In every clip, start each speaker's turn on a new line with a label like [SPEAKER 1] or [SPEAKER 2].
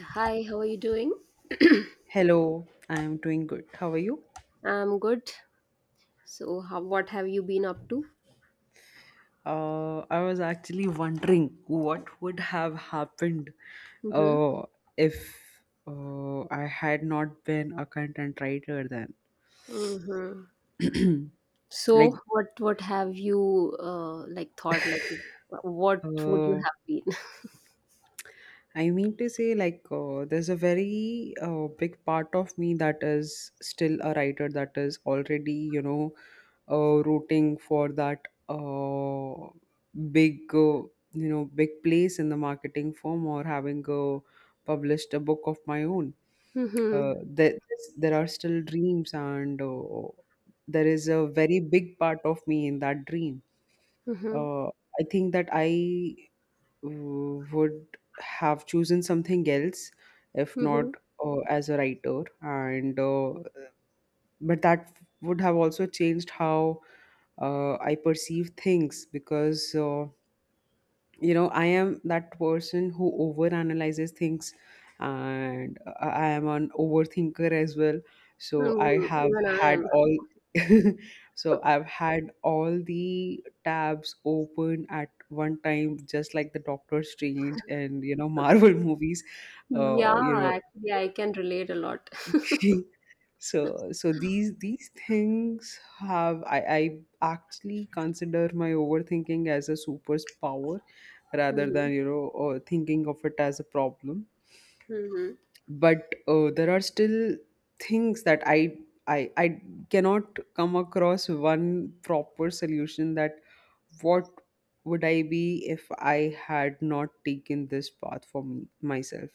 [SPEAKER 1] Hi, how are you doing?
[SPEAKER 2] Hello, I'm doing good. How are you?
[SPEAKER 1] I'm good. So, what have you been up to?
[SPEAKER 2] I was actually wondering what would have happened
[SPEAKER 1] Mm-hmm.
[SPEAKER 2] uh, if I had not been a content writer then.
[SPEAKER 1] Mm-hmm.
[SPEAKER 2] like,
[SPEAKER 1] So, what have you like thought? What would you
[SPEAKER 2] uh,
[SPEAKER 1] have been?
[SPEAKER 2] I mean to say, like, there's a very big part of me that is still a writer that is already, you know, rooting for that big, you know, big place in the marketing firm or having published a book of my own.
[SPEAKER 1] Mm-hmm.
[SPEAKER 2] Uh, there, there are still dreams, and there is a very big part of me in that dream.
[SPEAKER 1] Mm-hmm.
[SPEAKER 2] Uh, I think that I would have chosen something else if not
[SPEAKER 1] Mm-hmm.
[SPEAKER 2] as a writer, and but that would have also changed how I perceive things, because you know, I am that person who overanalyzes things, and I am an overthinker as well. So I have
[SPEAKER 1] Even
[SPEAKER 2] had
[SPEAKER 1] I
[SPEAKER 2] all So I've had all the tabs open at one time, just like the Doctor Strange and, you know, Marvel movies.
[SPEAKER 1] am. Yeah,
[SPEAKER 2] You know,
[SPEAKER 1] actually, I can relate a lot.
[SPEAKER 2] so these things have, I actually consider my overthinking as a superpower rather
[SPEAKER 1] Mm-hmm.
[SPEAKER 2] than, you know, thinking of it as a problem.
[SPEAKER 1] Mm-hmm.
[SPEAKER 2] But there are still things that I cannot come across one proper solution, that what would I be if I had not taken this path for me myself.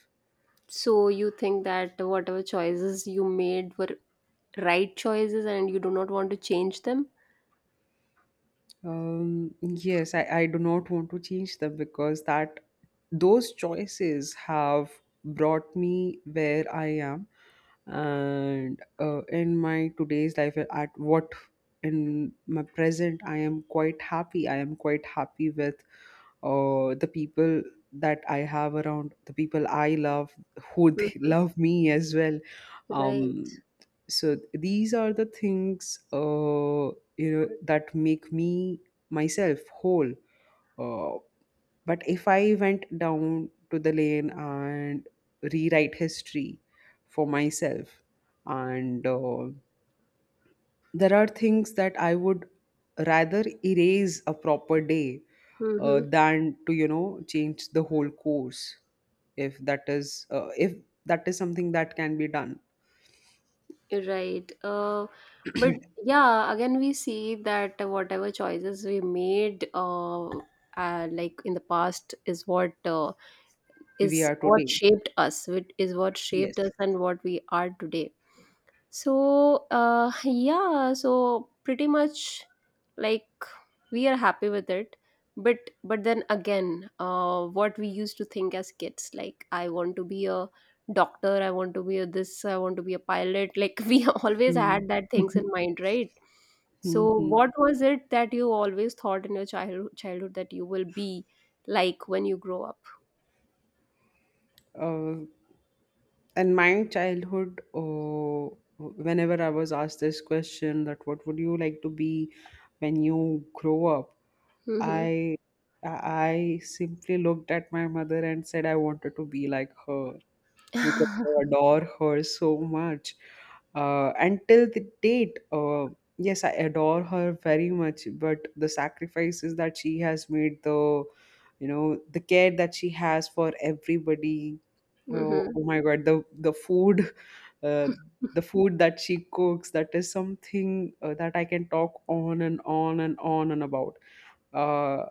[SPEAKER 1] So, you think that whatever choices you made were right choices, and you do not want to change them?
[SPEAKER 2] Yes, I do not want to change them, because that those choices have brought me where I am, and in my today's life at what, in my present I am quite happy. I am quite happy with the people that I have around, the people I love, who they
[SPEAKER 1] Mm.
[SPEAKER 2] love me as well.
[SPEAKER 1] Right.
[SPEAKER 2] Um, so these are the things you know, that make me myself whole. Uh, but if I went down to the lane and rewrite history for myself, and there are things that I would rather erase a proper day
[SPEAKER 1] Mm-hmm.
[SPEAKER 2] than to, you know, change the whole course, if that is something that can be done.
[SPEAKER 1] Right. But yeah, again, we see that whatever choices we made, like in the past,
[SPEAKER 2] We
[SPEAKER 1] is
[SPEAKER 2] are
[SPEAKER 1] what
[SPEAKER 2] today,
[SPEAKER 1] shaped us. It is what shaped
[SPEAKER 2] yes.
[SPEAKER 1] us and what we are today. So, yeah, so pretty much like we are happy with it. But but then again, what we used to think as kids, like I want to be a doctor, I want to be a this, I want to be a pilot. Like we always had that things in mind, right? So
[SPEAKER 2] Mm.
[SPEAKER 1] what was it that you always thought in your childhood that you will be like when you grow up?
[SPEAKER 2] Uh, in my childhood, whenever I was asked this question, that what would you like to be when you grow up,
[SPEAKER 1] Mm-hmm.
[SPEAKER 2] I I simply looked at my mother and said I wanted to be like her, because I adore her so much. Until the date, yes, I adore her very much, but the sacrifices that she has made, the you know, the care that she has for everybody. Oh,
[SPEAKER 1] Mm-hmm.
[SPEAKER 2] oh my God, the food, uh, the food that she cooks, that is something that I can talk on and on and on and about. Uh,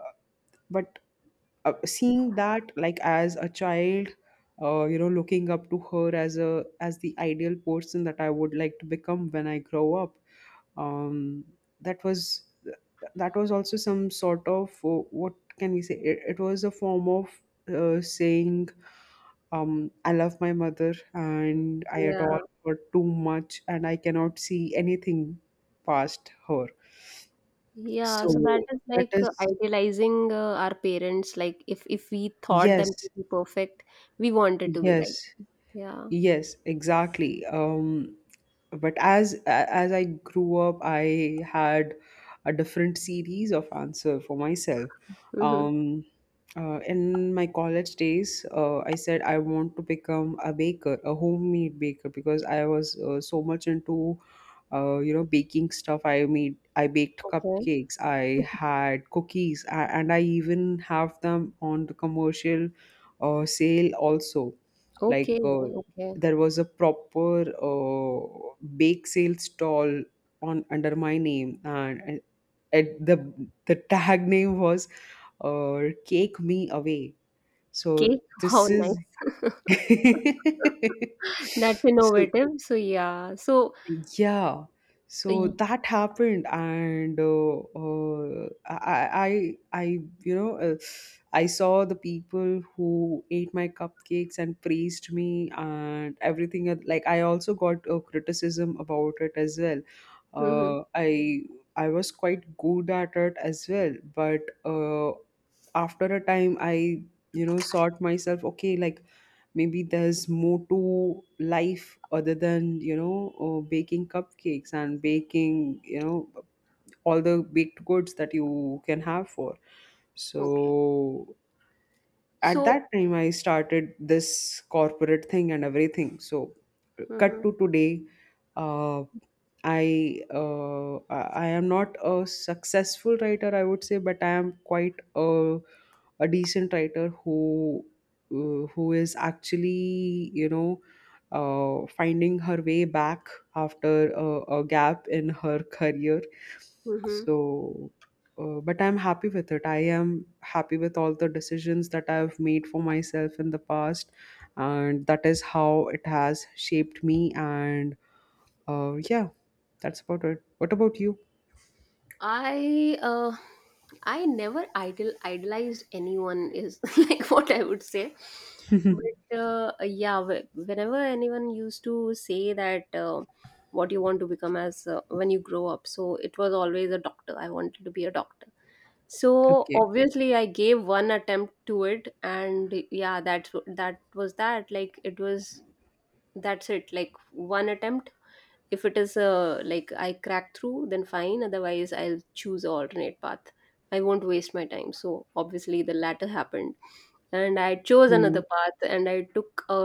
[SPEAKER 2] but seeing that, like as a child, you know, looking up to her as a as the ideal person that I would like to become when I grow up, um, that was, that was also some sort of what can we say? It was a form of saying, I love my mother and I adore
[SPEAKER 1] Yeah.
[SPEAKER 2] her too much, and I cannot see anything past her.
[SPEAKER 1] Yeah, so that
[SPEAKER 2] So
[SPEAKER 1] is
[SPEAKER 2] that
[SPEAKER 1] like
[SPEAKER 2] is,
[SPEAKER 1] idealizing our parents. Like if we thought them
[SPEAKER 2] yes,
[SPEAKER 1] to be perfect, we wanted to be like.
[SPEAKER 2] yes,
[SPEAKER 1] Yeah.
[SPEAKER 2] yes, exactly. But as I grew up, I had a different series of answer for myself.
[SPEAKER 1] Mm-hmm.
[SPEAKER 2] Um, in my college days, I said I want to become a baker, a homemade baker, because I was so much into, you know, baking stuff. I baked
[SPEAKER 1] Okay.
[SPEAKER 2] cupcakes, I had cookies, and I even have them on the commercial sale also, like
[SPEAKER 1] Okay. Okay.
[SPEAKER 2] there was a proper bake sale stall on under my name, and it, the the tag name was Cake Me Away. So
[SPEAKER 1] Cake. How
[SPEAKER 2] this
[SPEAKER 1] nice.
[SPEAKER 2] is
[SPEAKER 1] That's
[SPEAKER 2] so
[SPEAKER 1] innovative. So yeah. So.
[SPEAKER 2] yeah, so that happened, and you know, I saw the people who ate my cupcakes and praised me and everything. Like I also got a criticism about it as well.
[SPEAKER 1] Mm.
[SPEAKER 2] Uh, I, I was quite good at it as well, but after a time, you know, sought myself. Okay, like maybe there's more to life other than, you know, baking cupcakes and baking, you know, all the baked goods that you can have for.
[SPEAKER 1] Okay.
[SPEAKER 2] So at
[SPEAKER 1] So.
[SPEAKER 2] that time I started this corporate thing and everything. So cut to today, uh, I am not a successful writer, I would say, but I am quite a decent writer who is actually, you know, finding her way back after a gap in her career.
[SPEAKER 1] Mm-hmm.
[SPEAKER 2] So, but I'm happy with it. I am happy with all the decisions that I've made for myself in the past, and that is how it has shaped me, and yeah, that's about it. What about you?
[SPEAKER 1] I uh I never idolized anyone is like what I would say. But yeah, whenever anyone used to say that what you want to become as when you grow up, so it was always a doctor. I wanted to be a doctor. So
[SPEAKER 2] Okay.
[SPEAKER 1] obviously, I gave one attempt to it, and yeah, that was that. Like it was that's it. Like one attempt if it is like I crack through, then fine, otherwise I'll choose an alternate path. I won't waste my time, so obviously the latter happened, and I chose
[SPEAKER 2] Hmm.
[SPEAKER 1] another path, and I took a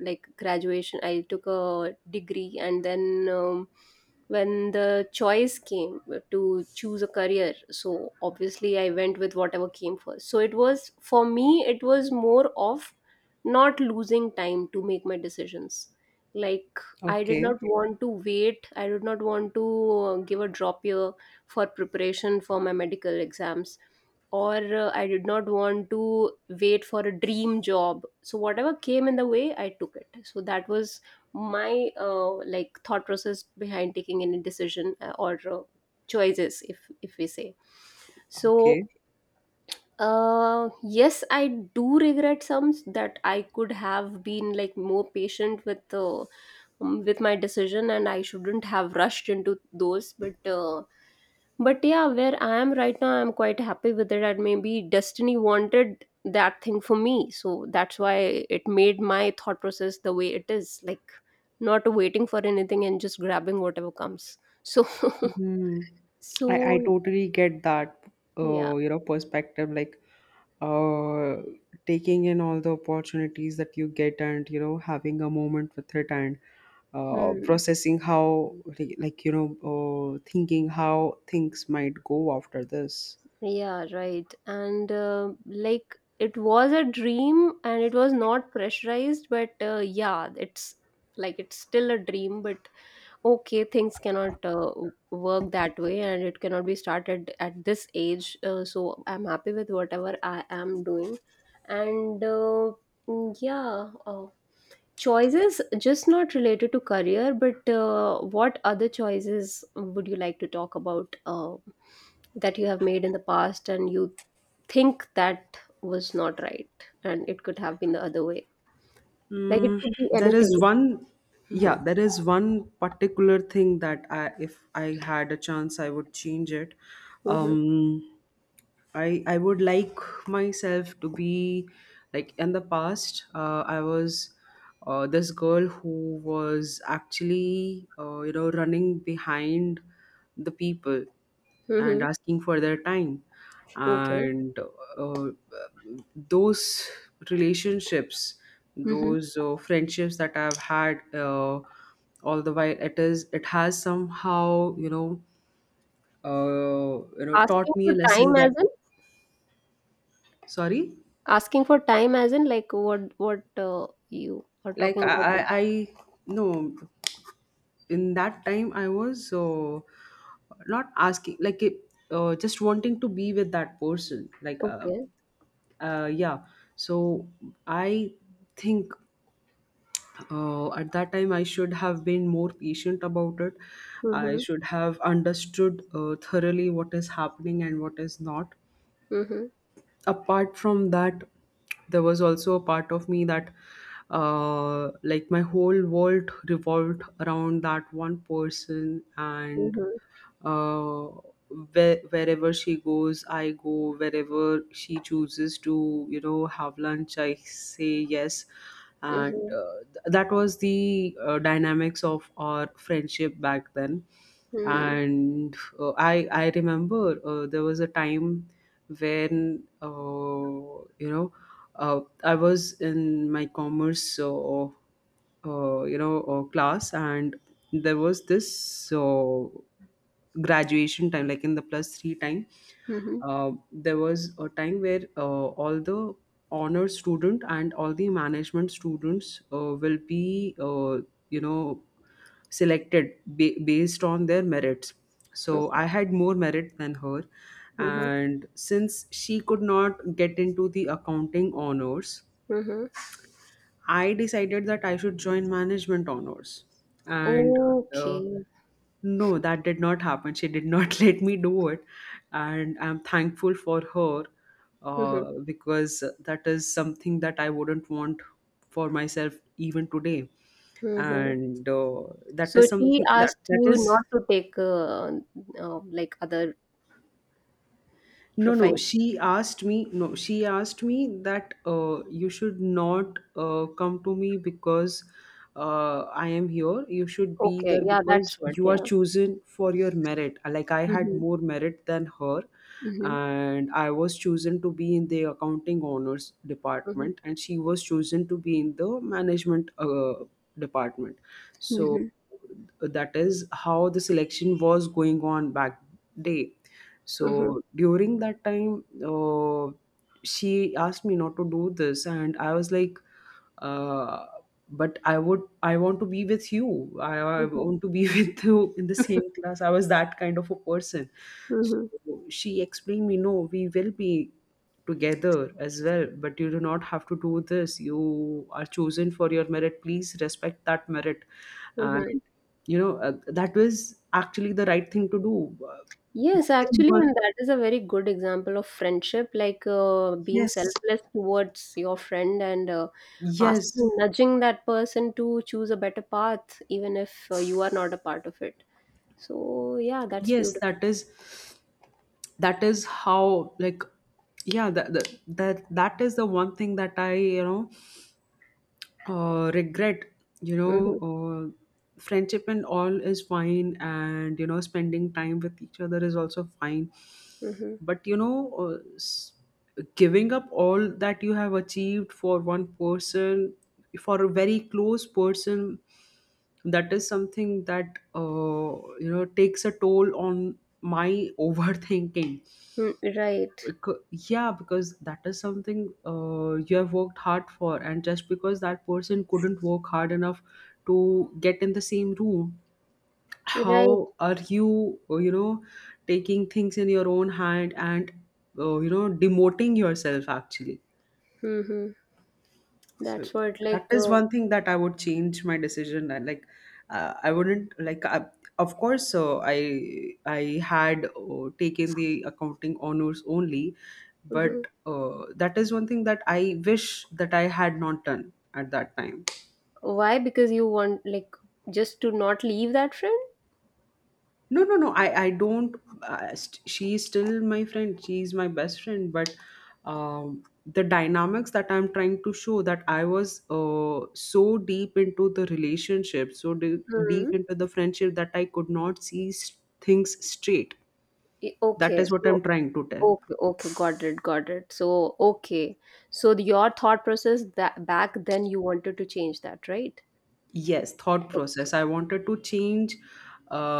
[SPEAKER 1] like graduation, I took a degree, and then when the choice came to choose a career, so obviously I went with whatever came first. So it was for me, it was more of not losing time to make my decisions. Like I did
[SPEAKER 2] Okay.
[SPEAKER 1] not want to wait. I did not want to give a drop year for preparation for my medical exams. Or I did not want to wait for a dream job. So whatever came in the way, I took it. So that was my like thought process behind taking any decision or choices, if we say.
[SPEAKER 2] Okay.
[SPEAKER 1] So yes, I do regret some that I could have been like more patient with my decision, and I shouldn't have rushed into those. But yeah, where I am right now, I'm quite happy with it. And maybe destiny wanted that thing for me, so that's why it made my thought process the way it is, like not waiting for anything and just grabbing whatever comes. So
[SPEAKER 2] Hmm. I
[SPEAKER 1] so
[SPEAKER 2] totally get that,
[SPEAKER 1] yeah.
[SPEAKER 2] you know, perspective, like uh, taking in all the opportunities that you get and, you know, having a moment with it and
[SPEAKER 1] Hmm.
[SPEAKER 2] processing how, like, you know, thinking how things might go after this.
[SPEAKER 1] Yeah, right. And like it was a dream and it was not pressurized, but yeah, it's like it's still a dream, but okay, things cannot work that way and it cannot be started at this age. So I'm happy with whatever I am doing. And uh, yeah, choices just not related to career, but what other choices would you like to talk about that you have made in the past and you think that was not right and it could have been the other way, like it
[SPEAKER 2] Mm,
[SPEAKER 1] could be
[SPEAKER 2] there is
[SPEAKER 1] anything.
[SPEAKER 2] one,
[SPEAKER 1] Hmm.
[SPEAKER 2] yeah, there is one particular thing that I, if I had a chance, I would change it.
[SPEAKER 1] Hmm.
[SPEAKER 2] Um, I would like myself to be like in the past. I was this girl who was actually you know, running behind the people and
[SPEAKER 1] Hmm.
[SPEAKER 2] asking for their time,
[SPEAKER 1] Okay.
[SPEAKER 2] and uh, those relationships,
[SPEAKER 1] Hmm.
[SPEAKER 2] those friendships that I've had. All the while it is, it has somehow, you know, you know, taught
[SPEAKER 1] Asking
[SPEAKER 2] me
[SPEAKER 1] for
[SPEAKER 2] a lesson
[SPEAKER 1] time
[SPEAKER 2] that.
[SPEAKER 1] as in
[SPEAKER 2] Sorry,
[SPEAKER 1] asking for time as in like what you are
[SPEAKER 2] like
[SPEAKER 1] talking about
[SPEAKER 2] I no, in that time I was not asking, like it, just wanting to be with that person, like
[SPEAKER 1] okay.
[SPEAKER 2] yeah. So I think at that time I should have been more patient about it. I
[SPEAKER 1] Mm-hmm.
[SPEAKER 2] should have understood thoroughly what is happening and what is not.
[SPEAKER 1] Mm-hmm.
[SPEAKER 2] Apart from that, there was also a part of me that like my whole world revolved around that one person, and
[SPEAKER 1] Mm-hmm.
[SPEAKER 2] uh wherever she goes I go, wherever she chooses to, you know, have lunch I say yes. And
[SPEAKER 1] Mm-hmm.
[SPEAKER 2] that was the dynamics of our friendship back then. And I remember there was a time when you know, I was in my commerce you know, class, and there was this graduation time, like in the plus three time.
[SPEAKER 1] Mm-hmm.
[SPEAKER 2] There was a time where all the honor student and all the management students will be you know, selected based on their merits.
[SPEAKER 1] Mm-hmm.
[SPEAKER 2] So
[SPEAKER 1] Okay.
[SPEAKER 2] I had more merit than her,
[SPEAKER 1] Mm-hmm.
[SPEAKER 2] and since she could not get into the accounting honors,
[SPEAKER 1] Mm-hmm.
[SPEAKER 2] I decided that I should join management honors. And uh,
[SPEAKER 1] Okay.
[SPEAKER 2] no, that did not happen. She did not let me do it, and I'm thankful for her,
[SPEAKER 1] Mm-hmm.
[SPEAKER 2] because that is something that I wouldn't want for myself even today.
[SPEAKER 1] Mm-hmm.
[SPEAKER 2] And that
[SPEAKER 1] So
[SPEAKER 2] is
[SPEAKER 1] she
[SPEAKER 2] something that,
[SPEAKER 1] asked
[SPEAKER 2] that
[SPEAKER 1] you
[SPEAKER 2] is.
[SPEAKER 1] not to take like other
[SPEAKER 2] No, no.
[SPEAKER 1] profiles.
[SPEAKER 2] She asked me. No, she asked me that, you should not come to me, because I am here. You should be
[SPEAKER 1] Okay,
[SPEAKER 2] there
[SPEAKER 1] yeah,
[SPEAKER 2] because
[SPEAKER 1] that's what,
[SPEAKER 2] you are
[SPEAKER 1] yeah.
[SPEAKER 2] chosen for your merit. Like I had
[SPEAKER 1] Mhm,
[SPEAKER 2] more merit than her,
[SPEAKER 1] mhm,
[SPEAKER 2] and I was chosen to be in the accounting honors
[SPEAKER 1] mhm,
[SPEAKER 2] department, and she was chosen to be in the management department. So
[SPEAKER 1] mhm,
[SPEAKER 2] that is how the selection was going on back day.
[SPEAKER 1] mhm,
[SPEAKER 2] So during that time, she asked me not to do this, and I was like, uh, but I would, I want to be with you. I
[SPEAKER 1] mhm,
[SPEAKER 2] want to be with you in the same class. I was that kind of a person.
[SPEAKER 1] mhm,
[SPEAKER 2] So she explained me, no, we will be together as well, but you do not have to do this. You are chosen for your merit. Please respect that merit.
[SPEAKER 1] mhm.
[SPEAKER 2] And, you know, that was actually the right thing to do. That
[SPEAKER 1] Yes,
[SPEAKER 2] is
[SPEAKER 1] actually,
[SPEAKER 2] one.
[SPEAKER 1] and that is a very good example of friendship, like being
[SPEAKER 2] Yes,
[SPEAKER 1] selfless towards your friend, and
[SPEAKER 2] yes,
[SPEAKER 1] asking, nudging that person to choose a better path, even if you are not a part of it. So, yeah, that's
[SPEAKER 2] yes.
[SPEAKER 1] beautiful.
[SPEAKER 2] That is, that is how, like, yeah, that is the one thing that I, you know, regret. You know,
[SPEAKER 1] Mm-hmm,
[SPEAKER 2] friendship and all is fine, and you know, spending time with each other is also fine.
[SPEAKER 1] mm-hmm.
[SPEAKER 2] But you know, giving up all that you have achieved for one person, for a very close person, that is something that you know takes a toll on my overthinking.
[SPEAKER 1] Mm, right,
[SPEAKER 2] Yeah, because that is something you have worked hard for, and just because that person couldn't work hard enough to get in the same room,
[SPEAKER 1] right.
[SPEAKER 2] how are you you know taking things in your own hand and you know demoting yourself actually.
[SPEAKER 1] Mm-hmm.
[SPEAKER 2] So
[SPEAKER 1] That's what,
[SPEAKER 2] that
[SPEAKER 1] like,
[SPEAKER 2] is one thing that I would change my decision. I wouldn't like of course I had taken the accounting honors only,
[SPEAKER 1] mhm.
[SPEAKER 2] but that is one thing that I wish that I had not done at that time.
[SPEAKER 1] Why? Because you want like just to not leave that friend?
[SPEAKER 2] No, no, no. I don't. She's still my friend. She's my best friend. But the dynamics that I'm trying to show, that I was so deep into the relationship, deep
[SPEAKER 1] Mm.
[SPEAKER 2] into the friendship that I could not see things straight.
[SPEAKER 1] I-
[SPEAKER 2] That
[SPEAKER 1] Okay.
[SPEAKER 2] is what I'm
[SPEAKER 1] So
[SPEAKER 2] trying to tell.
[SPEAKER 1] okay, okay, got it, got it. So okay. So the- your thought process that back then you wanted to change that, right?
[SPEAKER 2] Yes, thought process. I wanted to change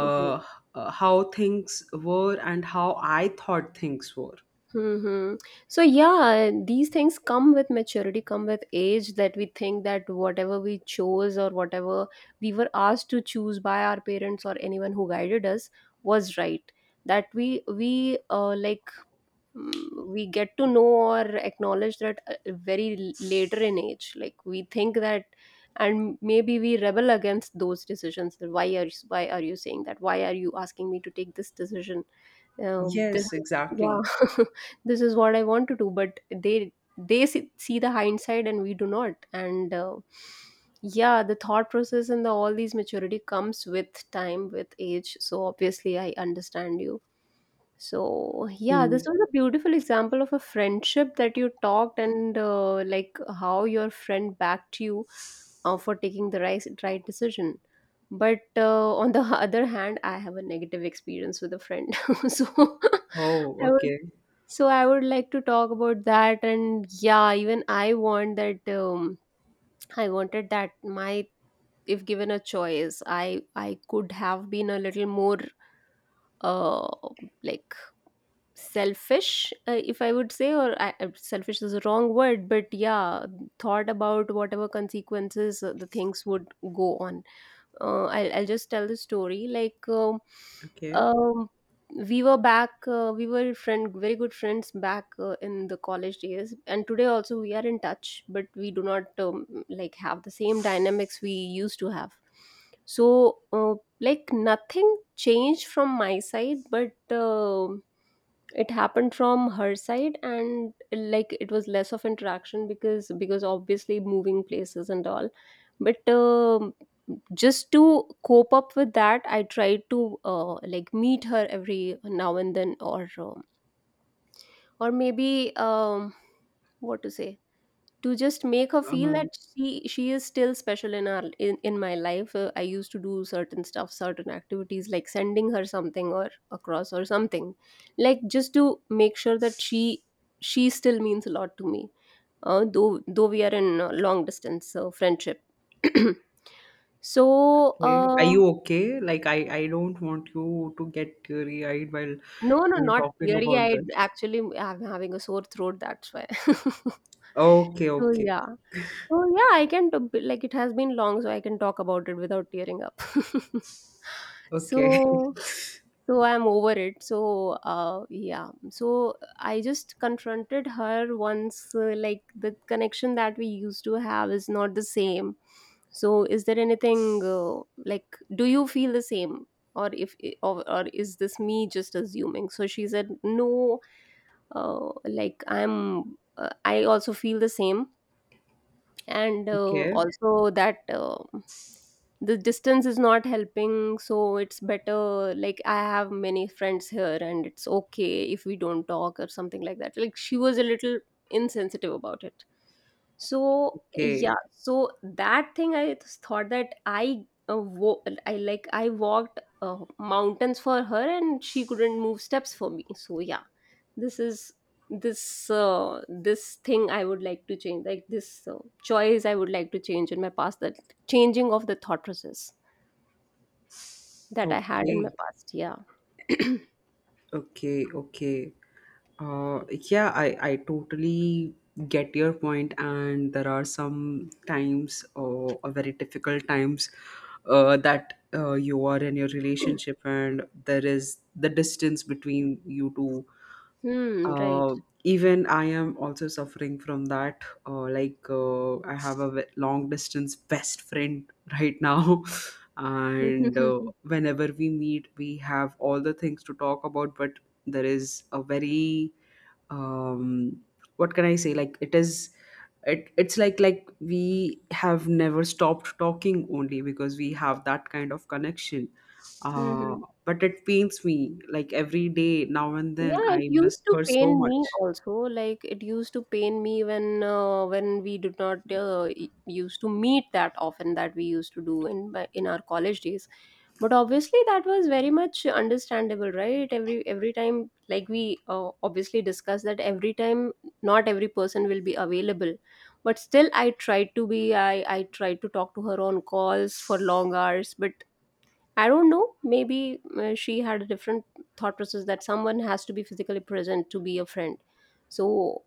[SPEAKER 1] Mm-hmm.
[SPEAKER 2] how things were and how I thought things were.
[SPEAKER 1] Mm-hmm. So yeah, these things come with maturity, come with age, that we think that whatever we chose or whatever we were asked to choose by our parents or anyone who guided us was right. That we Like mm, we get to know or acknowledge that very later in age, like we think that, and maybe we rebel against those decisions that why are you saying that, why are you asking me to take this decision, this
[SPEAKER 2] Yes, exactly.
[SPEAKER 1] yeah, this is what I want to do, but they see, see the hindsight, and we do not. And Yeah, the thought process and the all these maturity comes with time, with age, so obviously I understand you. So, yeah, this
[SPEAKER 2] Hmm.
[SPEAKER 1] was a beautiful example of a friendship that you talked, and like how your friend backed you for taking the right decision. But on the other hand, I have a negative experience with a friend. So,
[SPEAKER 2] Oh,
[SPEAKER 1] I would
[SPEAKER 2] okay.
[SPEAKER 1] so I would like to talk about that, and yeah, even I want that I wanted that my, if given a choice, I could have been a little more uh like selfish if I would say, selfish is a wrong word, but yeah, thought about whatever consequences the things would go on. I'll just tell the story like
[SPEAKER 2] Okay.
[SPEAKER 1] um we were back we were friend very good friends back in the college days, and today also we are in touch, but we do not like have the same dynamics we used to have. So like nothing changed from my side, but it happened from her side, and like it was less of interaction because obviously moving places and all, but just to cope up with that, I tried to like meet her every now and then, or maybe what to say, to just make her feel that
[SPEAKER 2] Um,
[SPEAKER 1] she is still special in my life. I used to do certain stuff, certain activities, like sending her something or across or something, like just to make sure that she still means a lot to me, though we are in long distance friendship. So
[SPEAKER 2] okay. Are you okay? Like, I don't want you to get teary-eyed while
[SPEAKER 1] no, no,
[SPEAKER 2] you're
[SPEAKER 1] not
[SPEAKER 2] talking
[SPEAKER 1] teary
[SPEAKER 2] about
[SPEAKER 1] eyed.
[SPEAKER 2] this.
[SPEAKER 1] Actually, I'm having a sore throat. That's why.
[SPEAKER 2] Okay,
[SPEAKER 1] So
[SPEAKER 2] okay,
[SPEAKER 1] yeah, I can like it has been long, so I can talk about it without tearing up.
[SPEAKER 2] okay,
[SPEAKER 1] So so I'm over it, so yeah, so I just confronted her once, like the connection that we used to have is not the same, so is there anything like do you feel the same, or if or, or is this me just assuming? So she said no, like I also feel the same, and uh,
[SPEAKER 2] okay,
[SPEAKER 1] also that the distance is not helping, so it's better, like I have many friends here, and it's okay if we don't talk or something like that. Like she was a little insensitive about it. So
[SPEAKER 2] okay,
[SPEAKER 1] yeah, so that thing I just thought that I, like I walked mountains for her, and she couldn't move steps for me. So yeah, this is this thing I would like to change. Like this choice I would like to change in my past. That changing of the thought process that I had in my
[SPEAKER 2] okay,
[SPEAKER 1] past. Yeah.
[SPEAKER 2] okay, okay. Yeah, I totally get your point, and there are some times, or very difficult times, that you are in your relationship, and there is the distance between you two.
[SPEAKER 1] Hmm. Right.
[SPEAKER 2] uh, Even I am also suffering from that. Like I have a long distance best friend right now, and whenever we meet, we have all the things to talk about. But there is a very, um what can I say, like it is, it's like we have never stopped talking only because we have that kind of connection. uh
[SPEAKER 1] Hmm.
[SPEAKER 2] but it pains me, like every day now and then
[SPEAKER 1] Yeah, it
[SPEAKER 2] I
[SPEAKER 1] used
[SPEAKER 2] miss
[SPEAKER 1] to
[SPEAKER 2] her so
[SPEAKER 1] pain me
[SPEAKER 2] much.
[SPEAKER 1] also. Like it used to pain me when we did not used to meet that often that we used to do in our college days. But obviously that was very much understandable, right? Every time, like we obviously discussed that every time, not every person will be available. But still, I tried to be. I tried to talk to her on calls for long hours, but I don't know. Maybe she had a different thought process that someone has to be physically present to be a friend. So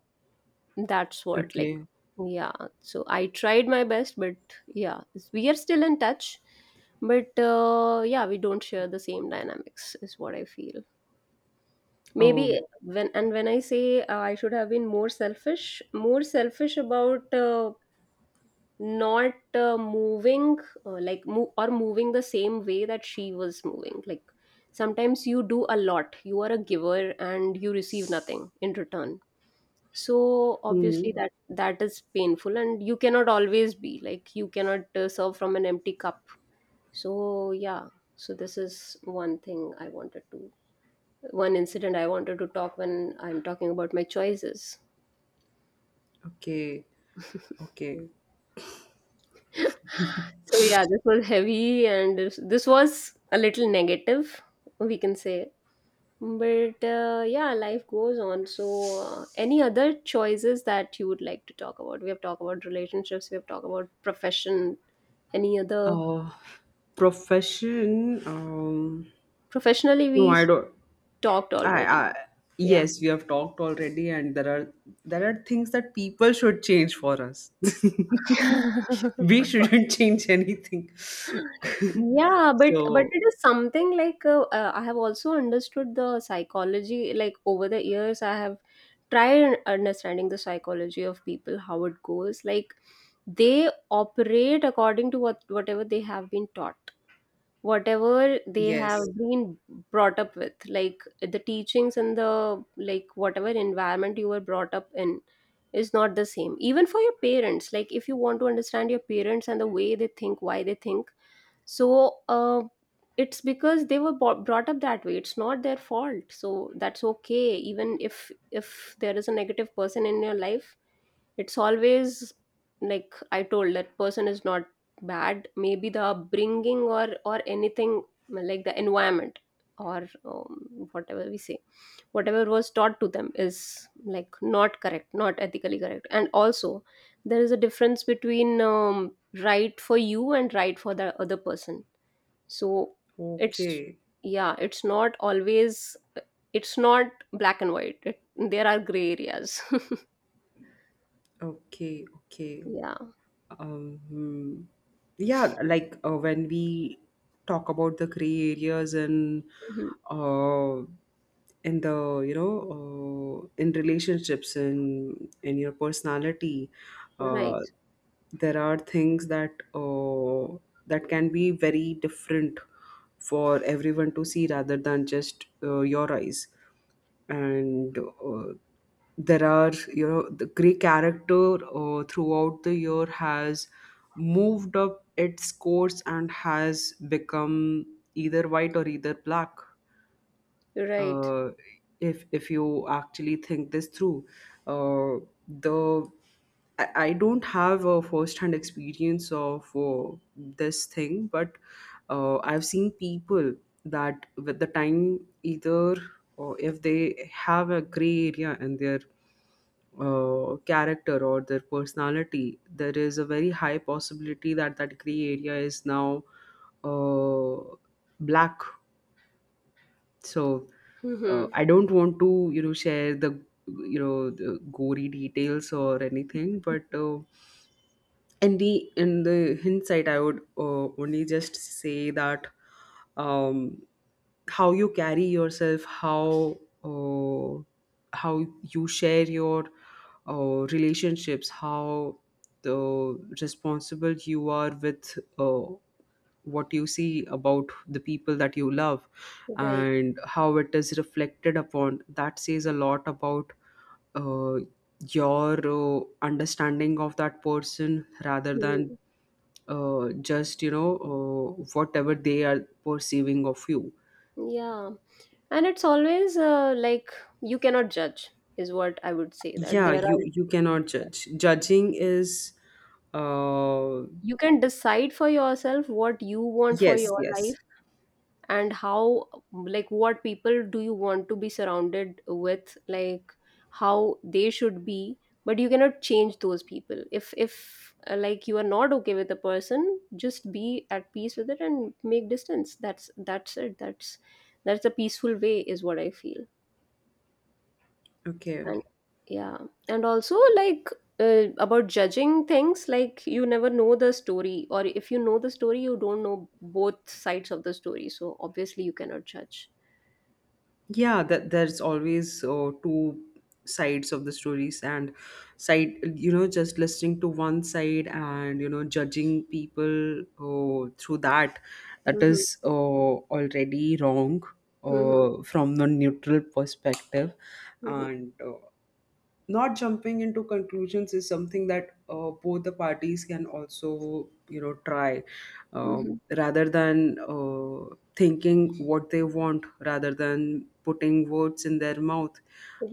[SPEAKER 1] that's what, like,
[SPEAKER 2] Okay.
[SPEAKER 1] yeah. So I tried my best, but yeah, we are still in touch. But yeah, we don't share the same dynamics, is what I feel.
[SPEAKER 2] Oh,
[SPEAKER 1] Maybe when and when I say I should have been more selfish, about not moving like or moving the same way that she was moving. Like, sometimes you do a lot, you are a giver and you receive nothing in return, so
[SPEAKER 2] hmm.
[SPEAKER 1] obviously that is painful, and you cannot always be like you cannot serve from an empty cup. So yeah. so this is one thing I wanted to one incident I wanted to talk when I'm talking about my choices.
[SPEAKER 2] Okay, okay.
[SPEAKER 1] So yeah, this was heavy, and this was a little negative, we can say. But yeah, life goes on. So, any other choices that you would like to talk about? We have talked about relationships. We have talked about profession. Any other.
[SPEAKER 2] uh Profession.
[SPEAKER 1] Professionally
[SPEAKER 2] No,
[SPEAKER 1] we
[SPEAKER 2] I don't.
[SPEAKER 1] talked
[SPEAKER 2] I,
[SPEAKER 1] already.
[SPEAKER 2] I
[SPEAKER 1] Yeah.
[SPEAKER 2] yes, we have talked already, and there are, there are things that people should change for us. We shouldn't change anything.
[SPEAKER 1] Yeah, but
[SPEAKER 2] So
[SPEAKER 1] it is something like I have also understood the psychology. Like, over the years, I have tried understanding the psychology of people, how it goes. Like, they operate according to whatever they have been taught, whatever they have
[SPEAKER 2] yes,
[SPEAKER 1] been brought up with, like the teachings, and the like whatever environment you were brought up in is not the same even for your parents. Like, if you want to understand your parents and the way they think, why they think. So it's because they were brought up that way, it's not their fault, so that's okay. Even if there is a negative person in your life, it's always, like I told, that person is not bad. Maybe the upbringing, or anything, like the environment, or whatever we say, whatever was taught to them is like not correct, not ethically correct. And also, there is a difference between right for you and right for the other person. So it's
[SPEAKER 2] okay,
[SPEAKER 1] yeah, it's not always, it's not black and white. There are gray areas.
[SPEAKER 2] okay, okay.
[SPEAKER 1] Yeah.
[SPEAKER 2] Um, hmm, yeah, like when we talk about the gray areas and
[SPEAKER 1] Mhm.
[SPEAKER 2] uh, in the you know in relationships and in your personality, uh,
[SPEAKER 1] Right.
[SPEAKER 2] there are things that that can be very different for everyone to see rather than just your eyes. And there are you know the Grey character throughout the year has moved up its course and has become either white or either black.
[SPEAKER 1] Right.
[SPEAKER 2] uh, if you actually think this through, uh, the I don't have a first-hand experience of this thing, but I've seen people that with the time, either, or if they have a gray area in their character or their personality, there is a very high possibility that that gray area is now, uh, black. So
[SPEAKER 1] Hmm.
[SPEAKER 2] I don't want to, you know, share the, you know, the gory details or anything, but and the in the hindsight I would only just say that, um how you carry yourself, uh, how you share your relationships, how the responsible you are with uh, what you see about the people that you love,
[SPEAKER 1] Right.
[SPEAKER 2] and how it is reflected upon, that says a lot about uh, your understanding of that person, rather than
[SPEAKER 1] Mm.
[SPEAKER 2] just you know whatever they are perceiving of you.
[SPEAKER 1] Yeah. And it's always like you cannot judge, is what I would say.
[SPEAKER 2] Yeah, you you cannot judge. Judging is uh
[SPEAKER 1] You can decide for yourself what you want for
[SPEAKER 2] yes,
[SPEAKER 1] your
[SPEAKER 2] yes.
[SPEAKER 1] life, and how, like, what people do you want to be surrounded with, like how they should be. But you cannot change those people. If like, you are not okay with a person, just be at peace with it and make distance. That's it. That's a peaceful way is what I feel.
[SPEAKER 2] Okay.
[SPEAKER 1] And yeah, and also, like, about judging things. Like, you never know the story, or if you know the story, you don't know both sides of the story, so obviously you cannot judge.
[SPEAKER 2] Yeah, that there's always two sides of the stories, and side you know just listening to one side and you know judging people through that, that
[SPEAKER 1] Mhm.
[SPEAKER 2] is already wrong,
[SPEAKER 1] Mhm,
[SPEAKER 2] from the neutral perspective.
[SPEAKER 1] mhm,
[SPEAKER 2] And not jumping into conclusions is something that both the parties can also you know try, uh,
[SPEAKER 1] mhm.
[SPEAKER 2] rather than thinking what they want, rather than putting words in their mouth.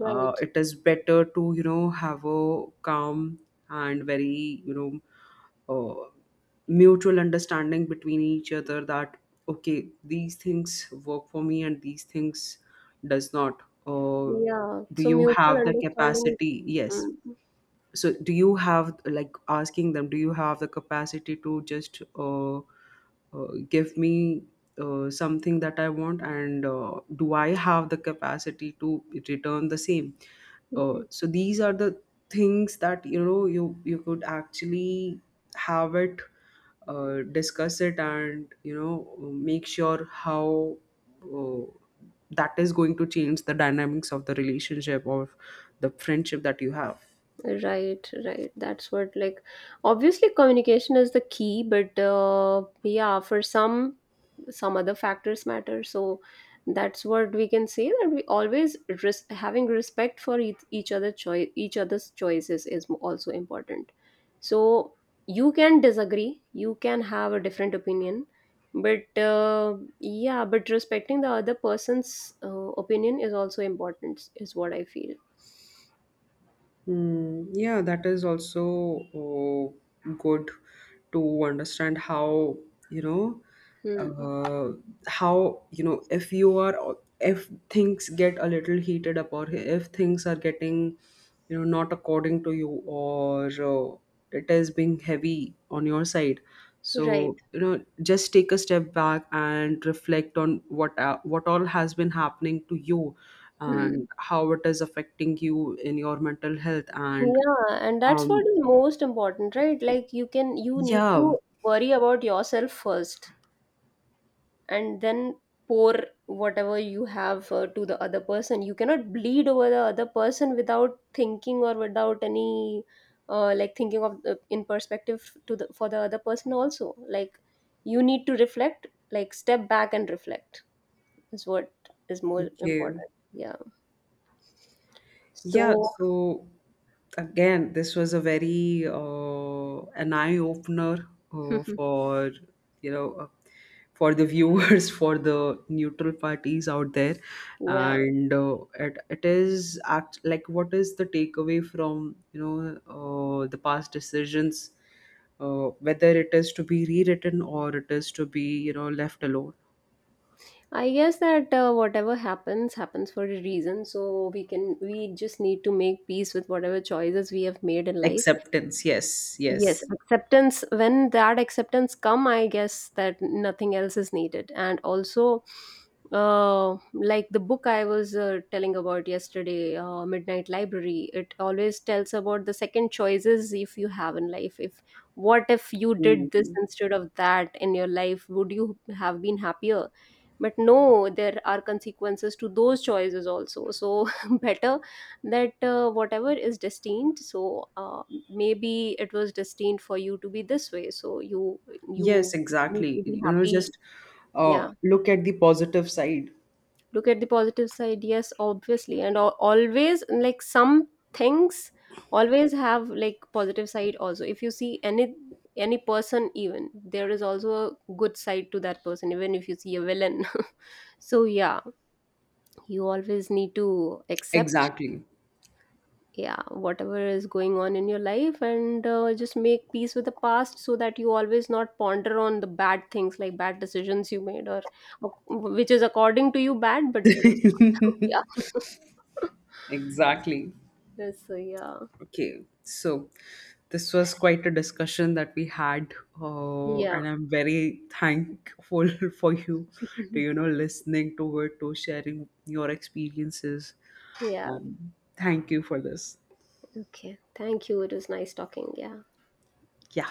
[SPEAKER 2] It is better to you know have a calm and very you know uh, mutual understanding between each other, that okay, these things work for me and these things does not. uh,
[SPEAKER 1] Yeah.
[SPEAKER 2] do
[SPEAKER 1] So
[SPEAKER 2] you
[SPEAKER 1] mutual
[SPEAKER 2] have the
[SPEAKER 1] understanding is.
[SPEAKER 2] capacity? Yes.
[SPEAKER 1] Mm,
[SPEAKER 2] So do you have, like asking them, do you have the capacity to just give me something that I want, and do I have the capacity to return the same?
[SPEAKER 1] mhm.
[SPEAKER 2] So these are the things that you know you could actually have it, discuss it, and you know make sure how uh, that is going to change the dynamics of the relationship or the friendship that you have.
[SPEAKER 1] Right, right. That's what, like, obviously communication is the key, but yeah, for some other factors matter, so that's what we can say, that we always having respect for each other choice each other's choices is also important. So you can disagree, you can have a different opinion, but yeah, but respecting the other person's opinion is also important, is what I feel.
[SPEAKER 2] Hmm, yeah, that is also good to understand you know,
[SPEAKER 1] Hmm.
[SPEAKER 2] uh, how, you know, if you are, if things get a little heated up, or if things are getting, you know, not according to you, or it is being heavy on your side.
[SPEAKER 1] Right.
[SPEAKER 2] So, you know, just take a step back and reflect on what all has been happening to you,
[SPEAKER 1] Hmm.
[SPEAKER 2] and how it is affecting you in your mental health and
[SPEAKER 1] Yeah, and that's what
[SPEAKER 2] um
[SPEAKER 1] is most important, right? Like, you need
[SPEAKER 2] yeah.
[SPEAKER 1] to worry about yourself first. And then pour whatever you have to the other person. You cannot bleed over the other person without thinking, or without any like thinking of in perspective to the for the other person also, like you need to reflect, like step back and reflect, is what is more
[SPEAKER 2] Okay.
[SPEAKER 1] important, yeah.
[SPEAKER 2] Yeah,
[SPEAKER 1] So
[SPEAKER 2] so again, this was a very an eye opener, for you know for the viewers, for the neutral parties out there,
[SPEAKER 1] yeah,
[SPEAKER 2] and it it is act like, what is the takeaway from you know the past decisions, whether it is to be rewritten or it is to be you know left alone.
[SPEAKER 1] I guess that whatever happens happens for a reason, so we just need to make peace with whatever choices we have made in life.
[SPEAKER 2] Acceptance, yes,
[SPEAKER 1] Yes,
[SPEAKER 2] yes.
[SPEAKER 1] acceptance, when that acceptance come, I guess that nothing else is needed. And also, like the book I was telling about yesterday, Midnight Library, it always tells about the second choices if you have in life. If What if you did this
[SPEAKER 2] Mhm.
[SPEAKER 1] instead of that in your life, would you have been happier? But no, there are consequences to those choices also. So better that whatever is destined, so maybe it was destined for you to be this way, so you
[SPEAKER 2] Yes,
[SPEAKER 1] you need
[SPEAKER 2] exactly.
[SPEAKER 1] to be
[SPEAKER 2] You know,
[SPEAKER 1] happy.
[SPEAKER 2] just
[SPEAKER 1] Yeah,
[SPEAKER 2] look at the positive side.
[SPEAKER 1] look at the positive side, yes, obviously, and always, like some things always have like positive side also, if you see any person, even there is also a good side to that person, even if you see a villain. So yeah, you always need to accept,
[SPEAKER 2] Exactly.
[SPEAKER 1] yeah, whatever is going on in your life, and just make peace with the past, so that you always not ponder on the bad things, like bad decisions you made, or which is according to you bad but it was not. Yeah.
[SPEAKER 2] Exactly.
[SPEAKER 1] Yes, so yeah,
[SPEAKER 2] Okay. So this was quite a discussion that we had,
[SPEAKER 1] yeah.
[SPEAKER 2] and I'm very thankful for you to, you know, listening to it, to sharing your experiences.
[SPEAKER 1] Yeah,
[SPEAKER 2] Thank you for this.
[SPEAKER 1] okay, thank you. It was nice talking. Yeah.
[SPEAKER 2] Yeah.